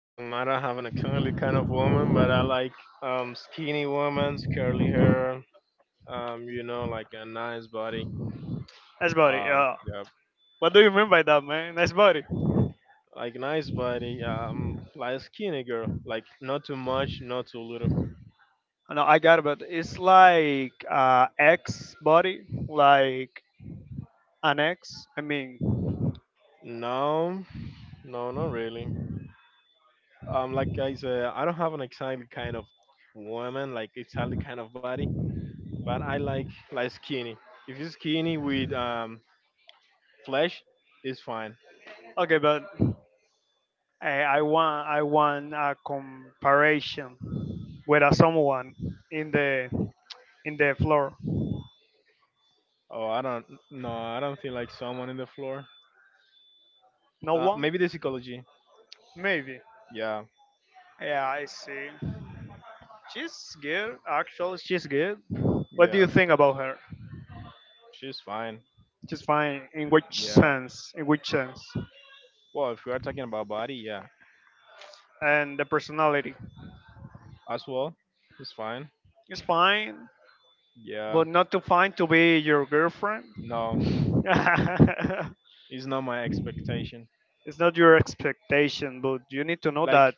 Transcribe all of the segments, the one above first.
I don't have an curly kind of woman, but I like skinny women, curly hair. Like a nice body. That's about it. Um, Yeah. yeah, What do you mean by that, man? That's about it. like nice body. Like skinny girl. Like not too much, not too little. No, I got it, but it's like ex body, like an ex. I mean, No, no, not really. Like I said, I don't have an exactly kind of woman, like exactly kind of body, but I like skinny. If you're skinny with flesh, it's fine. okay, but I want a comparison with someone in the in the floor. Oh, I don't. No, I don't feel like someone in the floor. No one, Maybe the psychology. maybe. Yeah, Yeah, I see. She's good, actually, she's good. What do you yeah, think about her? she's fine. She's fine. In which Yeah. sense? In which sense? Well, if we are talking about body, yeah, And the personality. as well, it's fine. It's fine, Yeah. but not too fine to be your girlfriend. No, it's not my expectation. It's not your expectation, but you need to know Like, that.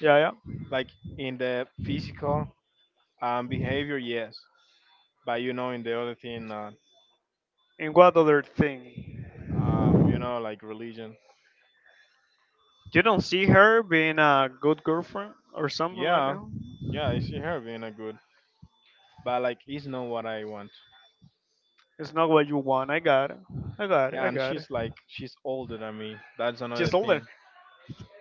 Yeah, yeah. like in the physical behavior, yes, but you know, in the other thing, And what other thing? You know, like religion. You don't see her being a good girlfriend or something like Yeah, that. yeah, I see her being a good, but like, it's not what I want. It's not what you want. I got it. I got it. Yeah, I and got it. she's like, she's older than me. That's another She's older. thing.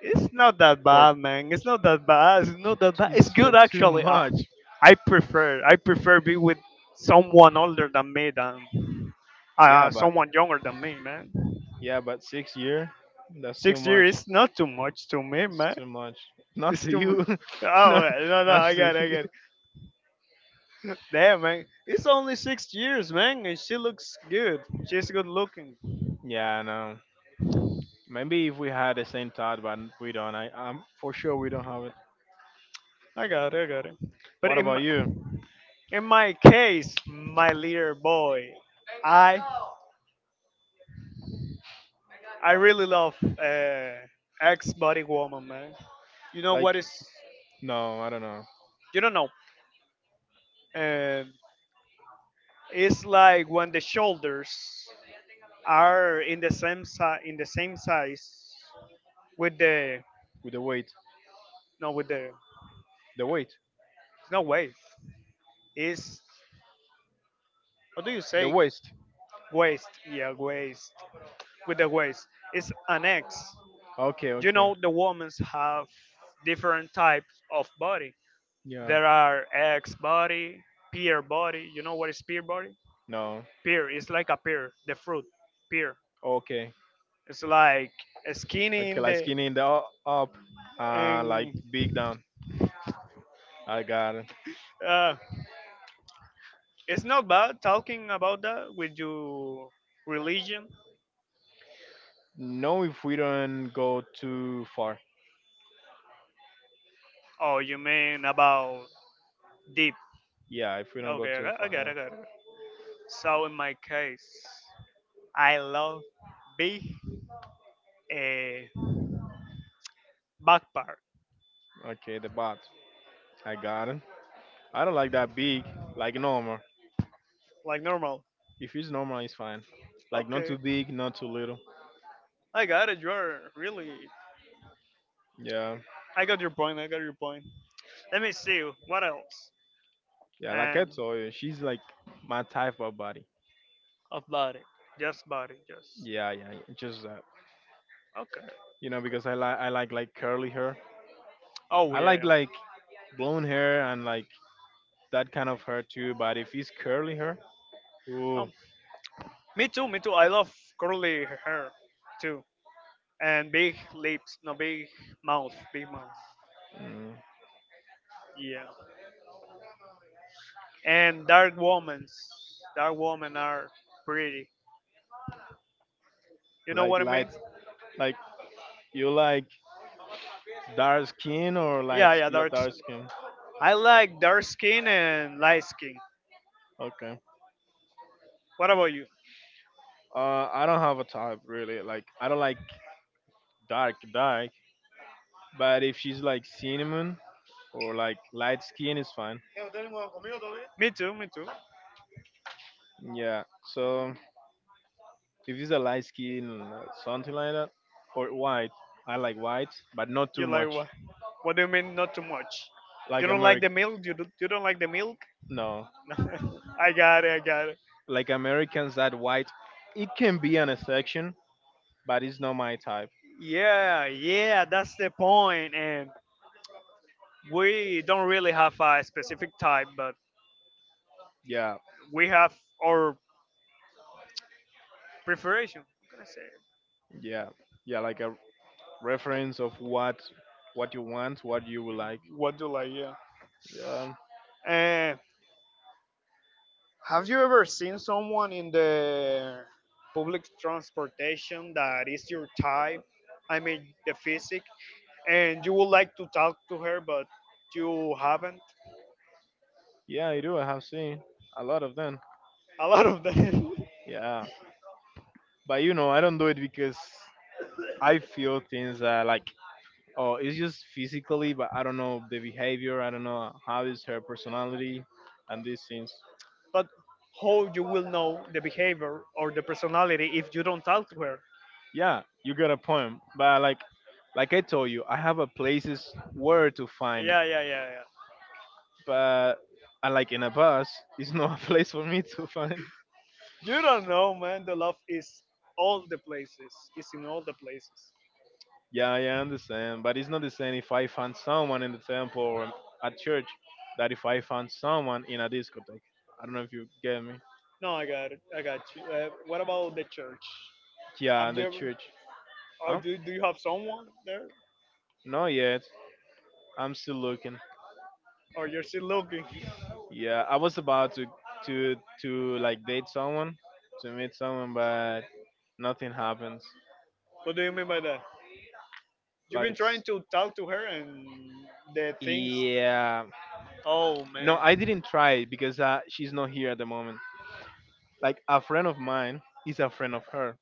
It's not that For bad, man. It's not that bad. It's not that bad. It's good, too actually. Much. I prefer. I prefer be with someone older than me than Yeah, but someone younger than me, man. Yeah, but 6 years, that's too Six much. years is not too much to me, It's man. too much. Not It's to too much. you. not, Oh no, no, not I to got it, I you. got it. Damn, man, it's only 6 years, man, and she looks good. She's good looking. Yeah, I know. Maybe if we had the same thought, but we don't. I'm for sure we don't have it. I got it, I got it. But What about you? in my case, my little boy, I I really love Ex Body Woman, man. You know Like, what is? no, I don't know. You don't know. Uh, it's like when the shoulders are in the same size, in the same size with the With the weight, no with the it's the weight, not waist. It's what do you the say? waist. Waist. Yeah, waist. With the waist, it's an X. Okay, You okay. know the women have different types of body. Yeah. There are X body, peer body. You know what is peer body? No. Pear. It's like a pear, the fruit pear. Okay. It's like skinny Okay, in like the skinny in the up, like and big down. I got it. uh, it's not bad talking about that with your religion. No, if we don't go too far. Oh, you mean about deep? Yeah, if we don't go Okay, too far, yeah. I got it. So in my case, I love beef a back part Okay, the bot. I got it. I don't like that big, like normal. like normal. If it's normal, it's fine. Like not too Okay, big, not too little. I got it. You're really. Yeah, I got your point. I got your point. Let me see what else. yeah. Like I And told you, she's like my type of body. of body. Just body. Just. Yeah, yeah, yeah, just that. Okay. You know, because I like curly hair. Oh, I yeah, like yeah. like blonde hair and like that kind of hair too. But if it's curly hair, ooh, Um, me too. Me too. I love curly hair too. And big lips. No, big mouth. Big mouth. mm, Yeah. And dark women. Dark women are pretty. You know like what I mean? light, like you like dark skin or Yeah, light yeah, dark. S- dark skin. I like dark skin and light skin. Okay. What about you? I don't have a type really. Like, I don't like dark, dark. But if she's like cinnamon or like light skin, is fine. Me too, me too. Yeah. So if it's a light skin, something like that, or white, I like white, but not You too like much. what? What do you mean not too much? You Like don't like the American, milk? You you don't like the milk? no. I got it, I got it. Like Americans that white, it can be an exception, but it's not my type. Yeah, yeah, that's the point. And we don't really have a specific type, but Yeah, we have our preparation. What can I say? yeah, yeah. Like a reference of what you want, what you would like. What do you like? Yeah. Yeah. Uh, have you ever seen someone in the public transportation that is your type? I mean, the physique, and you would like to talk to her, but you haven't. Yeah, I do. I have seen a lot of them. A lot of them. Yeah, but you know, I don't do it because I feel things that like, oh, it's just physically, but I don't know the behavior. I don't know how is her personality, and these things. But how you will know the behavior or the personality if you don't talk to her? Yeah, you got a point, but like I told you, I have a places where to find, Yeah, yeah, yeah, yeah. but I like in a bus, it's not a place for me to find. You don't know, man. The love is all the places. It's in all the places. Yeah, I understand, but it's not the same if I find someone in the temple or at church that if I find someone in a discotheque. I don't know if you get me. No, I got it. I got you. What about the church? Yeah, Have in you the ever? church. Or Um, do you have someone there? not yet. I'm still looking. Or you're still looking? Yeah, I was about to to like date someone, to meet someone, but nothing happens. What do you mean by that? You've been Like, trying s- to talk to her and the things. yeah, Oh no, man. I didn't try it because she's not here at the moment. Like a friend of mine is a friend of her,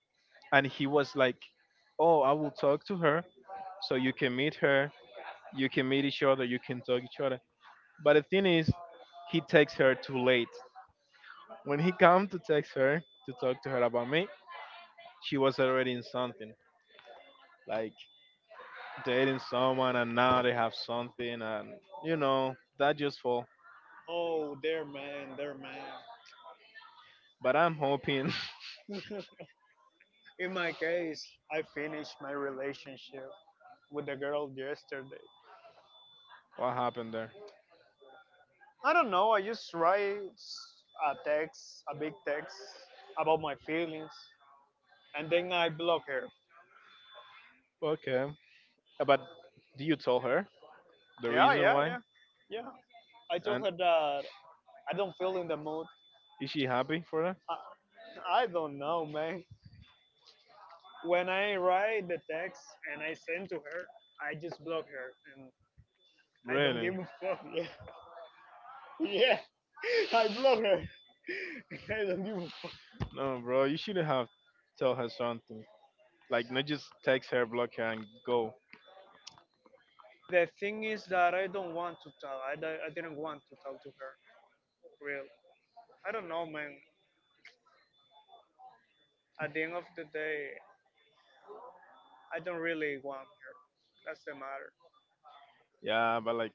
and he was like, oh, I will talk to her so you can meet her, you can meet each other, you can talk each other. But the thing is, he texts her too late. When he come to text her to talk to her about me, she was already in something, like dating someone, and now they have something, and you know that just fall. Oh, there, man. There, man. But I'm hoping. In my case, I finished my relationship with the girl yesterday. What happened there? I don't know. I just write a text, a big text about my feelings, and then I block her. Okay. But do you tell her the Yeah, reason yeah, why, yeah, yeah. I told and her that I don't feel in the mood. is she happy for that, I, I don't know, man. When I write the text and I send to her, I just block her, and I don't really? give a fuck. Yeah, yeah. I block her. I don't give a fuck. No, bro, you shouldn't have tell her something. Like, not just text her, block her, and go. The thing is that I don't want to talk. I didn't want to talk to her, really. I don't know, man. At the end of the day, I don't really want her. That's the matter. Yeah, but like,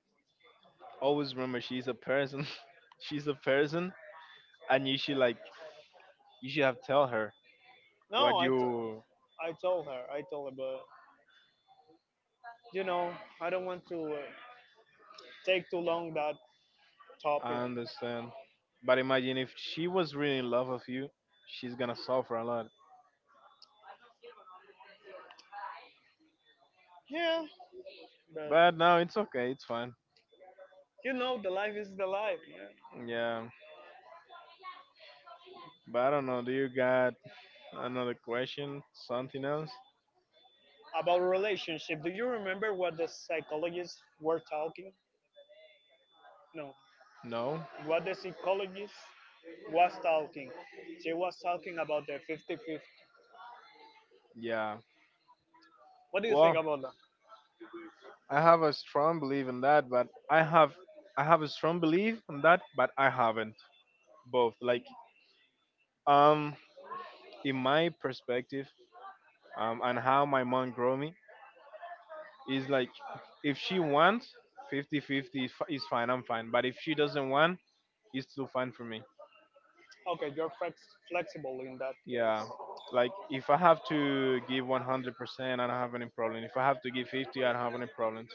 always remember she's a person. She's a person, and you should like, you should have tell her what No, you. I told her. I told her, but you know, I don't want to take too long that I topic. understand. But imagine if she was really in love with you, she's gonna suffer a lot. Yeah, but But no, it's okay, it's fine. you know, the life is the life, man. Yeah, but I don't know. Do you got another question? Something else? About relationship, do you remember what the psychologists were talking? No, No? what the psychologist was talking. She was talking about the 50. Yeah. What do you think Well, about that? I have a strong belief in that, but I have a strong belief in that, but I haven't both. Like um, in my perspective, and how my mom grow me is like if she wants fifty-fifty, is is fine, I'm fine. But if she doesn't want, it's still fine for me. Okay, you're flex- flexible in that case. Yeah. Like if I have to give 100%, I don't have any problem. If I have to give 50, I don't have any problems.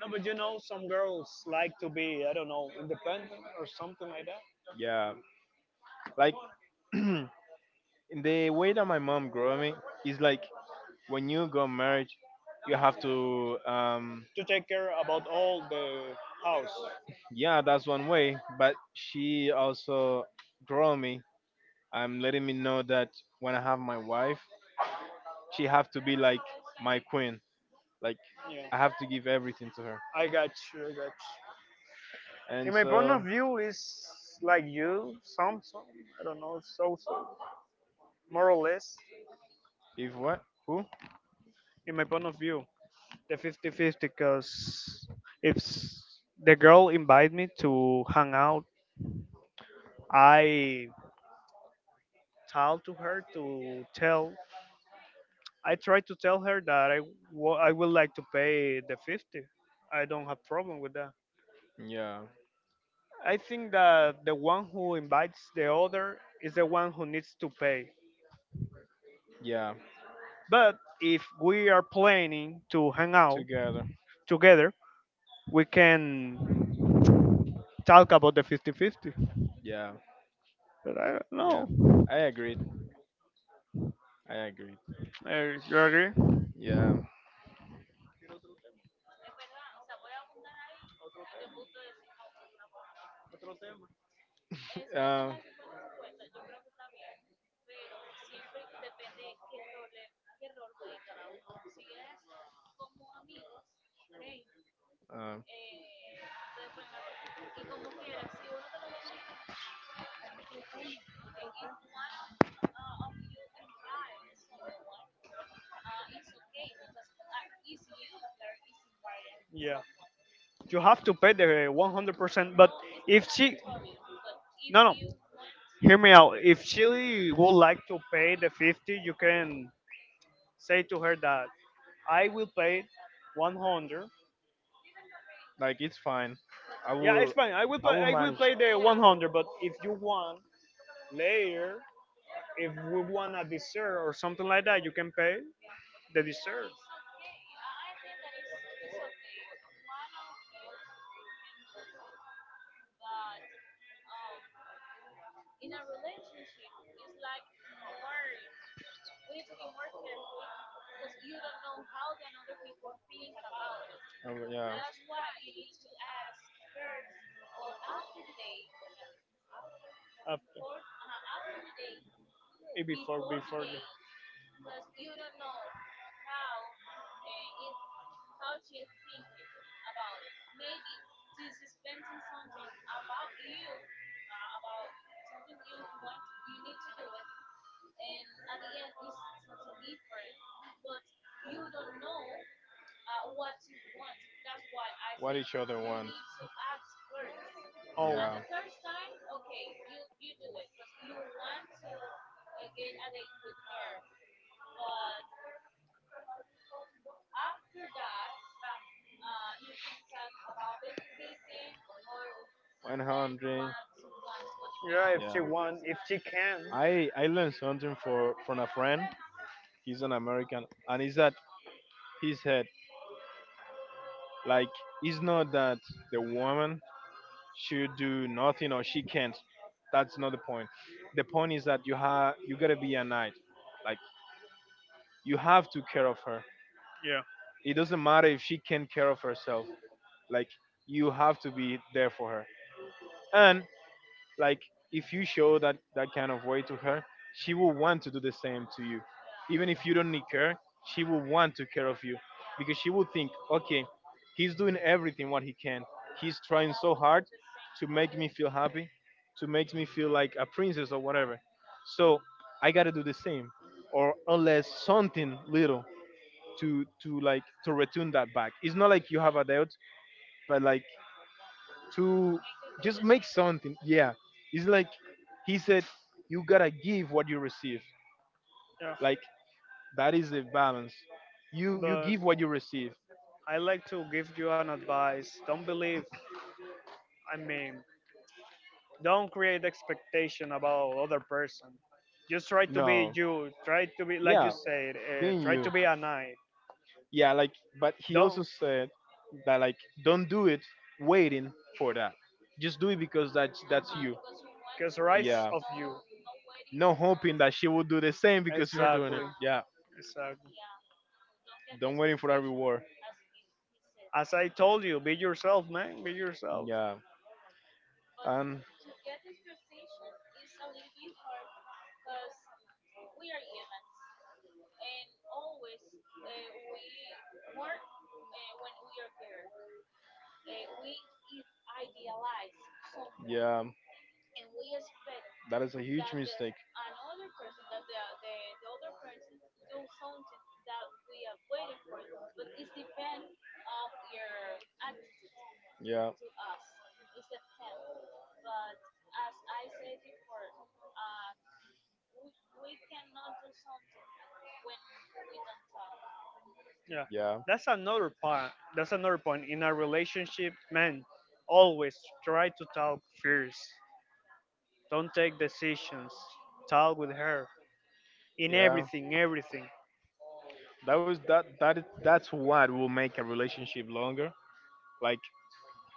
No, but you know, some girls like to be, I don't know, independent or something like that, Yeah. Like in the way that my mom grew me is like when you got married, you have to to take care about all the house. yeah, that's one way. But she also grow me. I'm letting me know that when I have my wife, she have to be like my queen. Like Yeah, I have to give everything to her. I got you, I got you. In And my point of so view, is like you, I don't know, more or less. if what who? In my point of view, the fifty-fifty, because if s- the girl invite me to hang out, I tell to her to tell I tried to tell her that I would like to pay the 50. I don't have problem with that. Yeah, I think that the one who invites the other is the one who needs to pay. yeah, But if we are planning to hang out together. together, we can talk about the fifty-fifty. Yeah, But I don't yeah. know. I agreed. I agreed. You agree? Yeah. Uh, uh, Yeah. You have to pay the 100%. But if she, no, no, hear me out. If she would like to pay the 50, you can say to her that I will pay 100. like it's fine. I Yeah, it's will. fine. I will I pay. will I will manage. pay the 100. But if you want later, if we want a dessert or something like that, you can pay. They deserve. Yeah. After, before, before the. What each other want. Oh, Yeah. 100. yeah, if she Yeah. want, if she can. I learned something for from a friend. He's an American, and is that he said like it's not that the woman should do nothing or she can't. That's not the point. The point is that you gotta be a knight. Like you have to care of her. Yeah, It doesn't matter if she can't care of herself. Like you have to be there for her. And like if you show that that kind of way to her, she will want to do the same to you. Even if you don't need care, she will want to care of you, because she will think, okay, he's doing everything what he can, he's trying so hard to make me feel happy, to make me feel like a princess or whatever. So I gotta do the same, or unless something little, to like to return that back. It's not like you have a debt, but like, to just make something. Yeah. It's like he said, you gotta give what you receive. yeah. Like that is the balance. You But give what you receive. I like to give you an advice. Don't believe. I mean, don't create expectation about other person. Just try to be No. you. Try to be like you Yeah. said. Being Try you. to be a knight. Yeah, like but he also Don't, said that like don't do it waiting for that. Just do it because that's you. cause rights Yeah. of you. No hoping that she will do the same because you're doing it. Exactly, Yeah. exactly. Don't waiting for that reward. As I told you, be yourself, man. Be yourself. Yeah. And yeah, that is a huge mistake. Yeah, Yeah, yeah, that's another point. That's another point in a relationship, man. Always try to talk first. Don't take decisions. Talk with her in yeah. everything, everything. That was that that is that's what will make a relationship longer. Like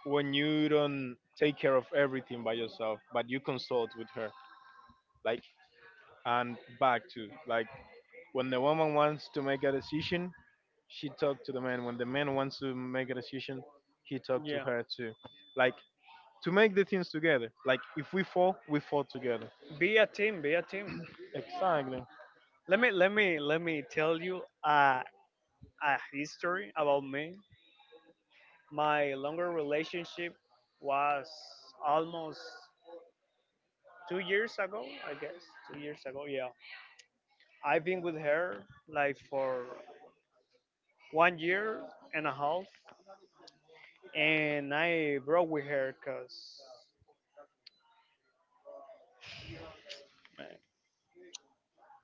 when you don't take care of everything by yourself, but you consult with her. Like and back to like when the woman wants to make a decision, she talk to the man. When the man wants to make a decision, he talk to Yeah, her too. Like to make the things together. Like if we fall, we fall together. be a team. Be a team. Exactly. Let me tell you a history about me. My longer relationship was almost 2 years ago, I guess. 2 years ago, yeah. I've been with her like for one year and a half, and I broke with her because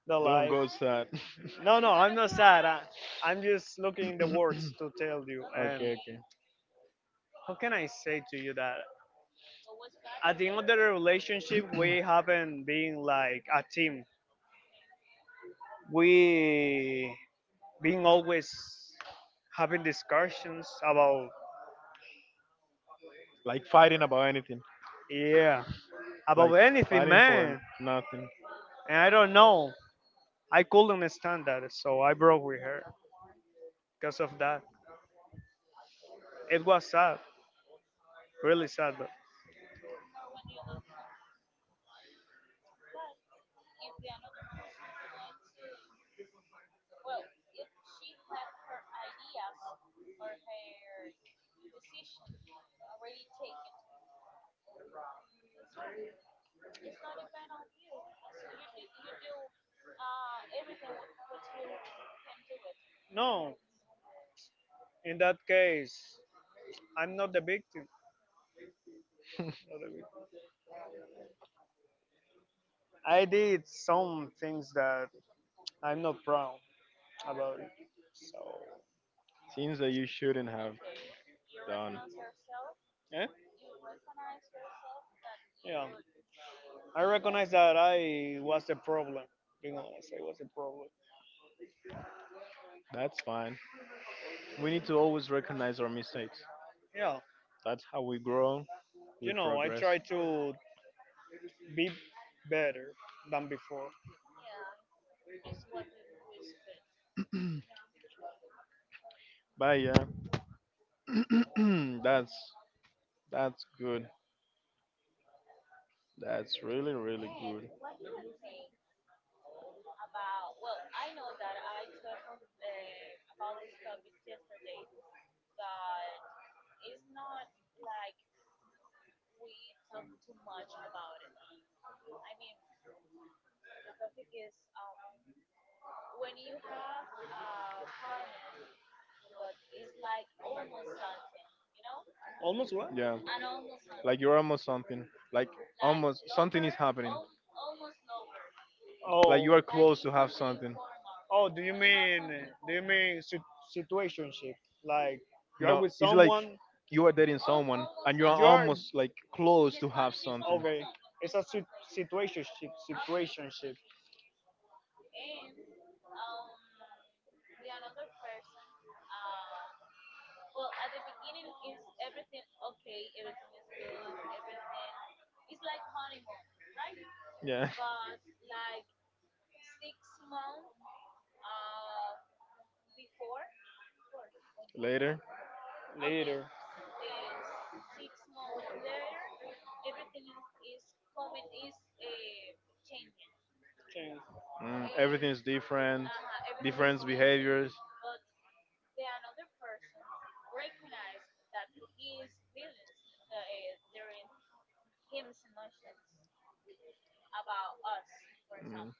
the Don't life. go sad. No, no, I'm not sad. I'm just looking in the words to tell you. And Okay, okay. how can I say to you that at the end of the relationship, we haven't been like a team. We being always having discussions about Like fighting about anything. yeah Like about anything, fighting for man, nothing. and I don't know. I couldn't stand that, so I broke with her because of that. It was sad, really sad, but no, in that case, I'm not the victim, not the victim. I did some things that I'm not proud about it, so Things that you shouldn't have done. eh? Yeah, I recognize that I was the problem, being honest, I was the problem. That's fine. We need to always recognize our mistakes. Yeah, That's how we grow, we you know, I progress. try to be better than before. But yeah, that's that's good. That's really really good. Almost what? Yeah. Like you're almost something. Like almost something is happening. Like you Oh, are close to have something. oh. Do you mean situationship? Like you are No, with it's like someone, you are dating someone and you are you are almost like close to have something. okay. It's a situationship. Situationship Yeah. Later. later. Change. Mm, everything is different. Different behaviors. Mm.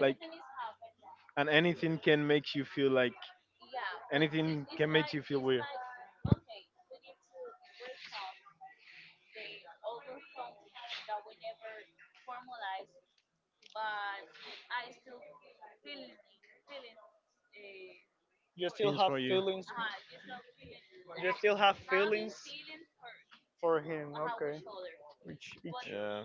Like and anything can make you feel like anything can make you feel weird. You still Things have for you. feelings. You still have feelings for him. Okay. Which each. Yeah.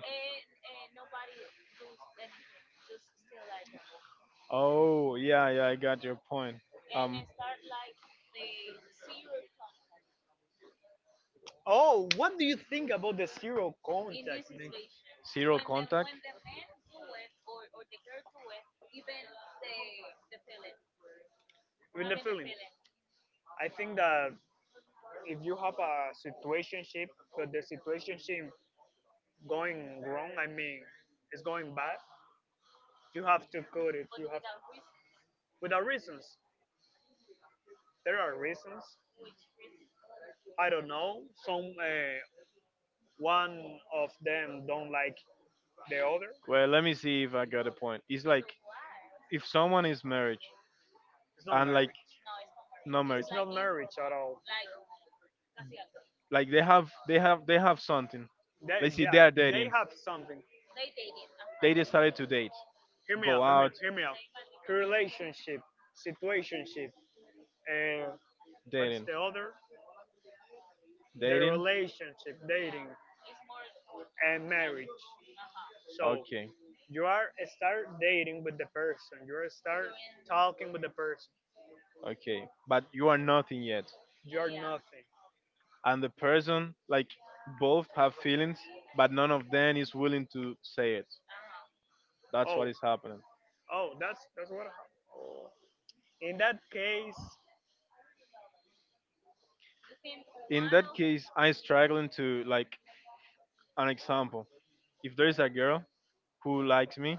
Oh, yeah, yeah, I got your point. Um, Oh, what do you think about the zero contact, man? zero contact. With the feeling, I think that if you have a situationship, but the situationship going wrong, I mean, it's going bad, you have to cut it. You have without reasons. There are reasons. I don't know. Some one of them don't like the other. Well, let me see if I got a point. It's like if someone is married It's not and marriage. like not married, It's not marriage at all. like they have something. They, Let's see, they yeah, are they dating. have something. They decided to date, Hear me out. go Hear me out. out, Hear me out. Relationship, situationship, and what is dating, the other? The dating. relationship, dating, and marriage. So Okay. you are start dating with the person. You are start talking with the person. Okay, but you are nothing yet. You are nothing. And the person, like, both have feelings, but none of them is willing to say it. That's what Oh, is happening. oh, that's what hap- In that case, In that case, I'm struggling to, like, an example. If there is a girl who likes me,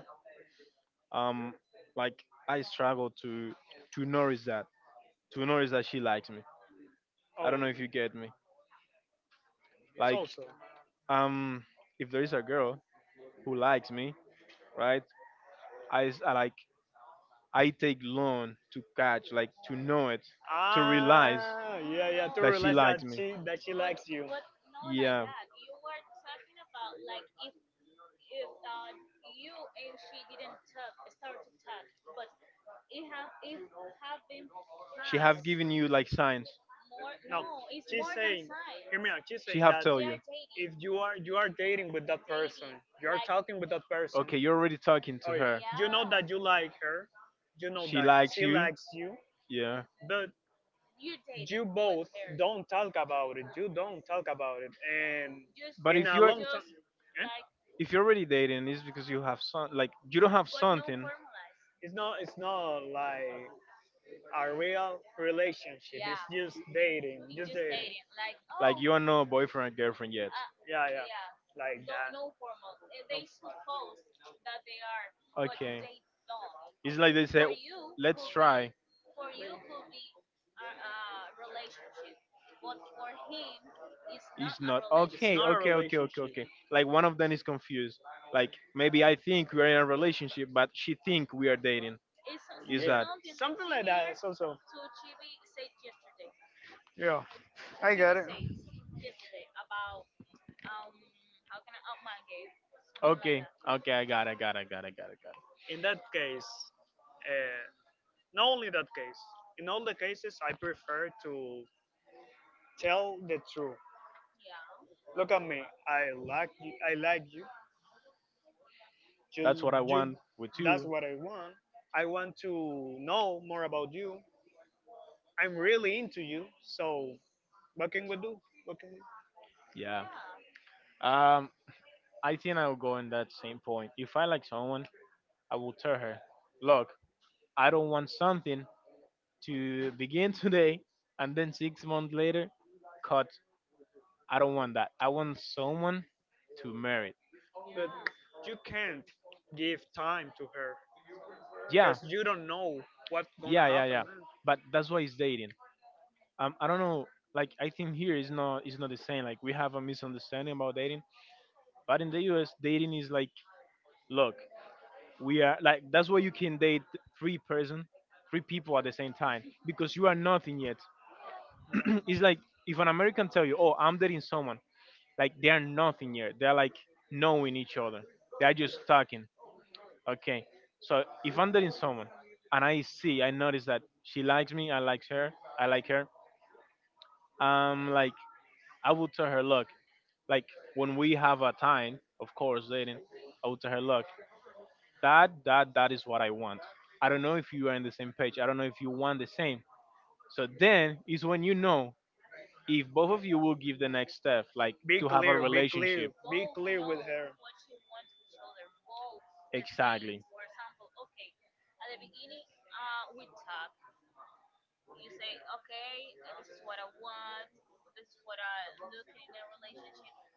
um, like, I struggle to notice that, to notice that she likes me. I don't oh, know if you get me. it's Like, also. um, if there is a girl who likes me, right? I like I take long to catch, like to know it, to realize Ah, yeah, yeah, to that she realize likes that me. she likes you. Yeah. She have given you like signs. No, she's saying, hear me out. She's She saying have that tell you. if you are dating with that person, you are talking with that person. Okay, you're already talking to Oh, yeah. her. You know that you like her, you know She that likes she you. likes you, Yeah. but you both don't talk about it. You don't talk about it, and But in if a you're long time, eh? Already dating, it's because you have some, like, you don't have something, It's not like a real relationship is. Yeah. Just dating, just dating. like you are not boyfriend and girlfriend yet. Yeah, yeah, like no, that. No, Okay. It's like they say, let's try. It's not. it's Okay, not relationship. A okay, okay, okay, relationship. okay. Like one of them is confused. Like maybe I think we are in a relationship, but she think we are dating. Is Yeah, that? something like that. Peculiar. It's also yeah, I guess. Okay, okay, I got it, I got it, I got it, I got it, got it. In that case, uh, not only that case, in all the cases, I prefer to tell the truth. Look at me, I like you, That's you, what I you want with that's you. what I want. I want to know more about you. I'm really into you. So what can we do? What can we do? Yeah. Um, I think I will go in that same point. If I like someone, I will tell her, look, I don't want something to begin today And and then then six six months months later, later, cut. but I I don't don't want want that. that. I I want want someone someone to marry. more married. But you can't give time to her Yeah, because you don't know what's gonna yeah, yeah. happen, Yeah, man. but that's why it's dating. I don't know, like I think here is not the same, like we have a misunderstanding about dating. But in the US dating is like, look, we are like, that's why you can date three person three people at the same time because you are nothing yet. It's like if an American tell you, "Oh, I'm dating someone," like they are nothing yet. They're like knowing each other. They're just talking. Okay, so if I'm dating someone and I see, I notice that she likes me, I like her, I like her. Like I would tell her, look, like when we have a time, of course, dating, I would tell her, look, that is what I want. I don't know if you are in the same page. I don't know if you want the same. So then is when you know if both of you will give the next step, like Be to have a clear. Be clear. relationship. Be clear with her. Exactly.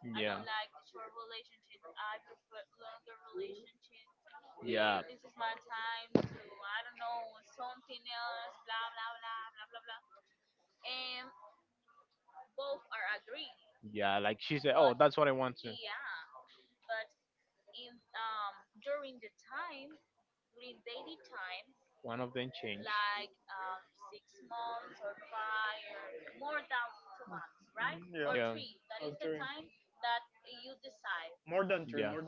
Yeah. Yeah. Yeah, like she said, oh, that's what I want to. One of them changed. Yeah. Three. More than three. Yeah. More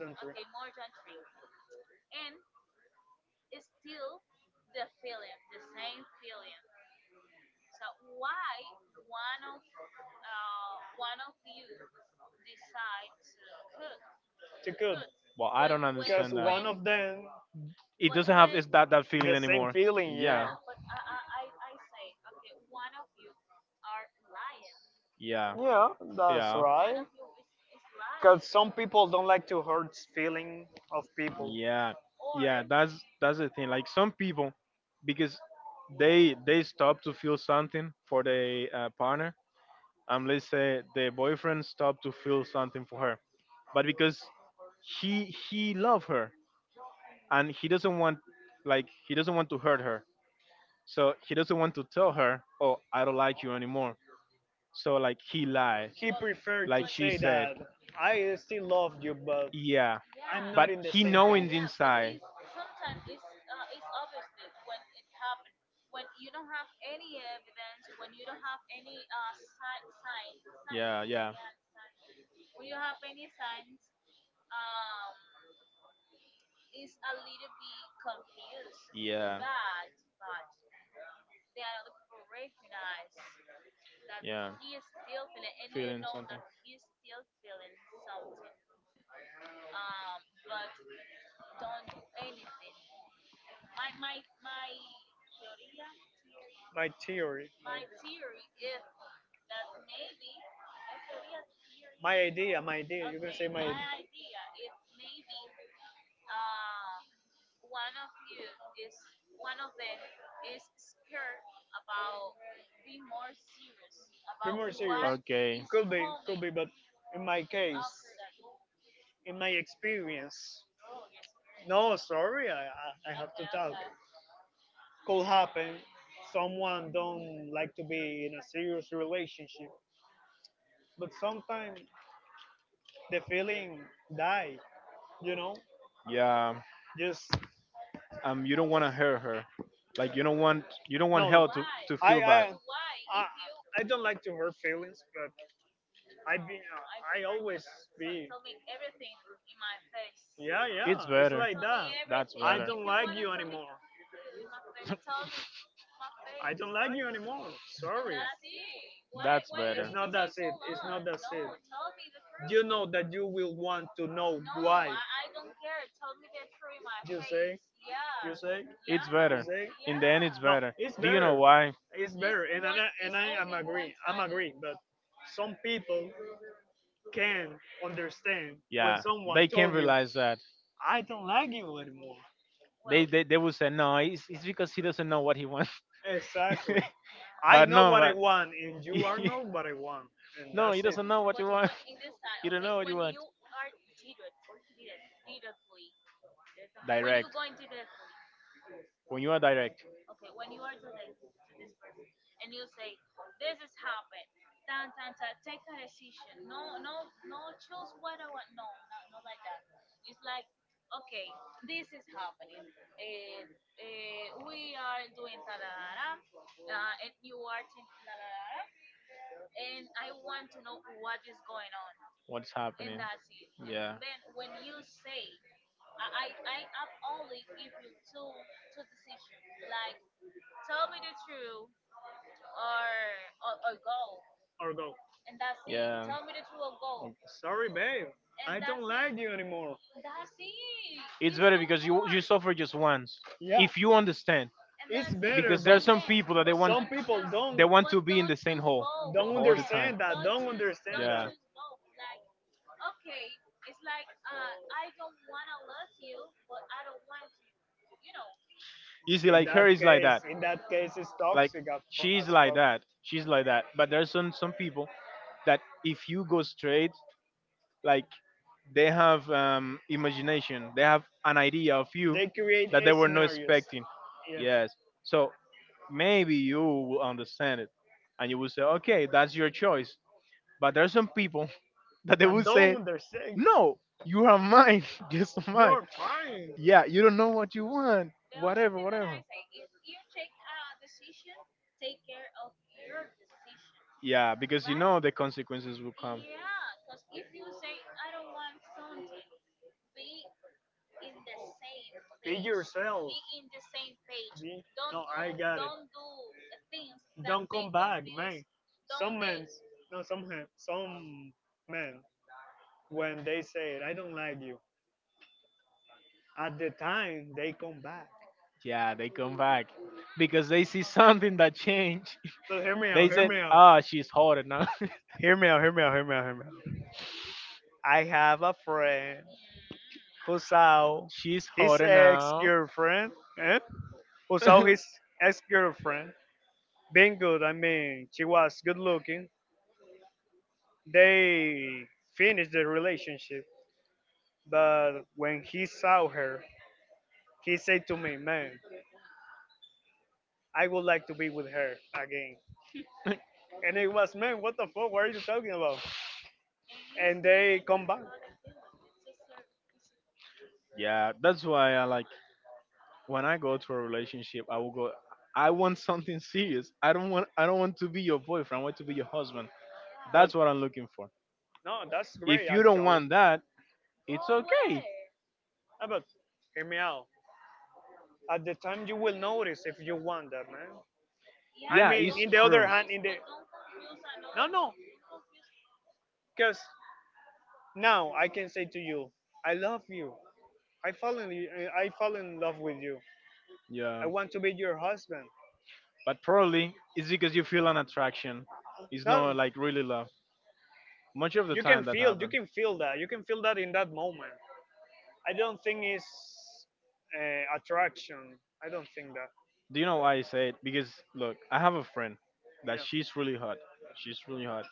too good. Well, I don't When, understand that. them, It doesn't have, it's that feeling anymore. feeling. Yeah. Yeah. Yeah, that's right. It's Yeah. lying. Because some people don't like to hurt feeling of people. Yeah. Yeah, that's the thing. Like some people, because they stop to feel something for the partner. Let's say the boyfriend stopped to feel something for her, but because he he love her and he doesn't want, like he doesn't want to hurt her, so he doesn't want to tell her, "Oh, I don't like you anymore." So like he lied, He preferred like to say said, that I still love you, but "Yeah." Yeah, but in the he knowing. my theory, my idea. Okay. Could coming be, but in my case, in my experience, no, sorry, I have to talk. Could happen. Someone don't like to be in a serious relationship, but sometimes the feeling die. You know, Yeah. just You don't want to hurt her, like you don't want no, no. hell to I feel bad. I I, I don't like to hurt feelings, but I be I always be. Yeah, It's yeah, it's better. like that. That's I better. don't like you anymore. I don't like you anymore. Sorry. That's better. It's not that it. It's not that it. You know that you will want to know why. You say? You say? It's You better. say? In the end it's No, better. it's Do you know better. why? It's better, and I am agree. I'm agree, but some people can understand when Yeah, they someone can told you, realize that "I don't like you anymore." they will say no, it's because he doesn't know what he wants. Exactly. I But know no, what I but want, and you are not what I want, and no, you that's it. doesn't know what you want. You don't know what you want. Direct. When you are direct, what's happening? Yeah. Or go, Yeah. sorry, babe, I don't like you anymore. It's better because you suffer just once. Yeah, If you understand, it's better, because there are but some people that they want, some people they want to be in the same hole don't all the time. understand that. Don't understand that. Yeah. You see, like her is like that. In that case, it's Like toxic as she's as like fuck. that. She's like that. But there's some people that if you go straight, like they have imagination, they have an idea of you They create that they were not scenarios. expecting. Yeah, Yes. So maybe you will understand it, and you will say, okay, that's your choice. But there are some people that they that will don't say, understand. No. no, you are mine, just mine. You're fine. Yeah, you don't know what you want, whatever, whatever. Yeah, because you know the consequences will come. Be yourself. Be, no, I got it. Don't come make back, man. Some men, do. No, some men, when they say it, I don't like you, at the time they come back. Yeah, they come back because they see something that changed. So hear me They out, said, "Ah, she's hotter now. Hear me out. I have a friend who saw She's his hotter now." ex-girlfriend, eh? Who saw his ex-girlfriend being good. I mean, she was good looking. They finished the relationship, but when he saw her, he said to me, "Man, I would like to be with her again." And it was, "Man, what the fuck? What are you talking about?" And they come back, Yeah, that's why I like when I go to a relationship, I will go. I want something serious. I don't want. I don't want to be your boyfriend. I want to be your husband. but That's what I'm looking for. no, that's great If you don't actually. want that, it's okay. Ah, but hear me out. At the time, you will notice if you want that, man. I Yeah, mean, it's in the other true. hand, in the no, no, because now I can say to you, I love you. I fall in, I fall in love with you. Yeah. I want to be your husband. But probably it's because you feel an attraction. It's not Not like really love. Much of the you can time that feel, happens. You can feel that in that moment. I don't think it's attraction. I don't think that. Do you know why I say it? Because look, I have a friend that Yeah. she's really hot. She's really hot.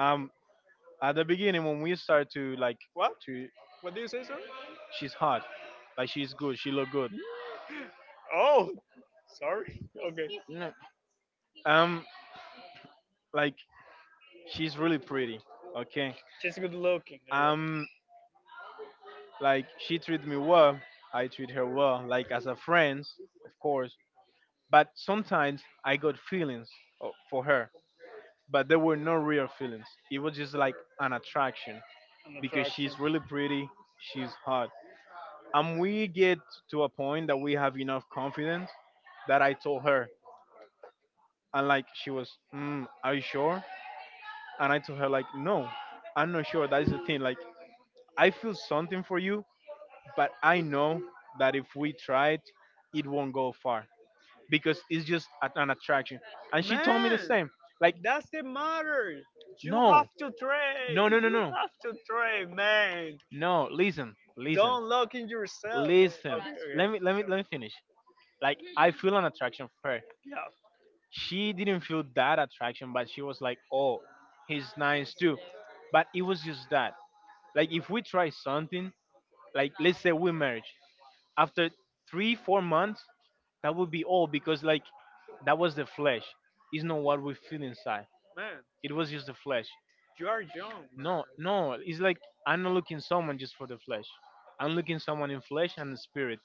Um, at the beginning when we start to like What? to, What do you say, sir? she's hot, like she's good. She look good. Oh, sorry. Okay. No. Um, like she's really pretty, okay. She's good looking. I um like she treat me well, I treat her well, like as a friend, of course. But sometimes I got feelings for her, but they were no real feelings. It was just like an attraction, an because attraction. she's really pretty, she's hot. And we get to a point that we have enough confidence that I told her. And like she was mm, are you sure? And I told her, like no, I'm not sure. That is the thing. Like I feel something for you, but I know that if we try it, it won't go far because it's just an attraction. And she told me the Man, same. Like, doesn't matter. You have no, to no, no, train. no, You no, have to train, man. no. Listen, listen, Don't look in yourself, man. listen. Okay, Let okay. me, let me, let me finish. Like, I feel an attraction for her. Yeah, She didn't feel that attraction, but she was like, oh, he's nice too. But it was just that. Like, if we try something, like, let's say we marriage, after 3 or 4 months that would be all, because like that was the flesh, it's not what we feel inside. man. It was just the flesh. You are young, No, man. no, it's like I'm not looking someone just for the flesh, I'm looking someone in flesh and spirit.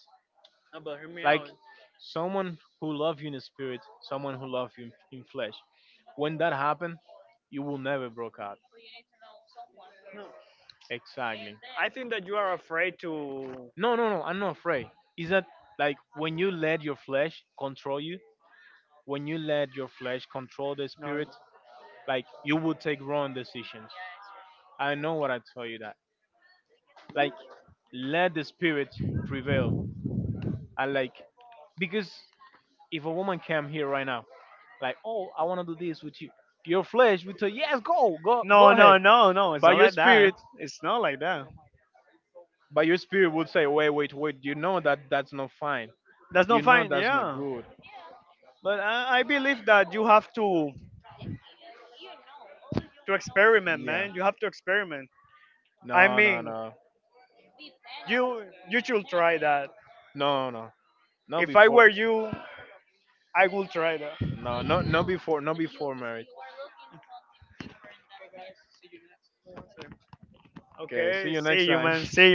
No, but hear me Like out. someone who love you in spirit, someone who love you in flesh. When that happened, you will never broke out. Exactly. I think that you are afraid to. No, no, no, I'm not afraid. Is that, like when you let your flesh control you, when you let your flesh control the No, spirit, like you will take wrong decisions. I know what I tell you that. Like let the spirit prevail. And like, because if a woman came here right now, like, oh, I wanna do this with you, your flesh would say, yes, go, go, go no, ahead. no, no, No. It's But not your like that. spirit, It's not like that. but your spirit would say, wait, wait, wait, you know that that's not fine. That's You not know fine. that's not Yeah, good. but I believe that you have to Yeah. No, no, no. No, no. Not before. No, no, no before, no before marriage. Okay, see you next time.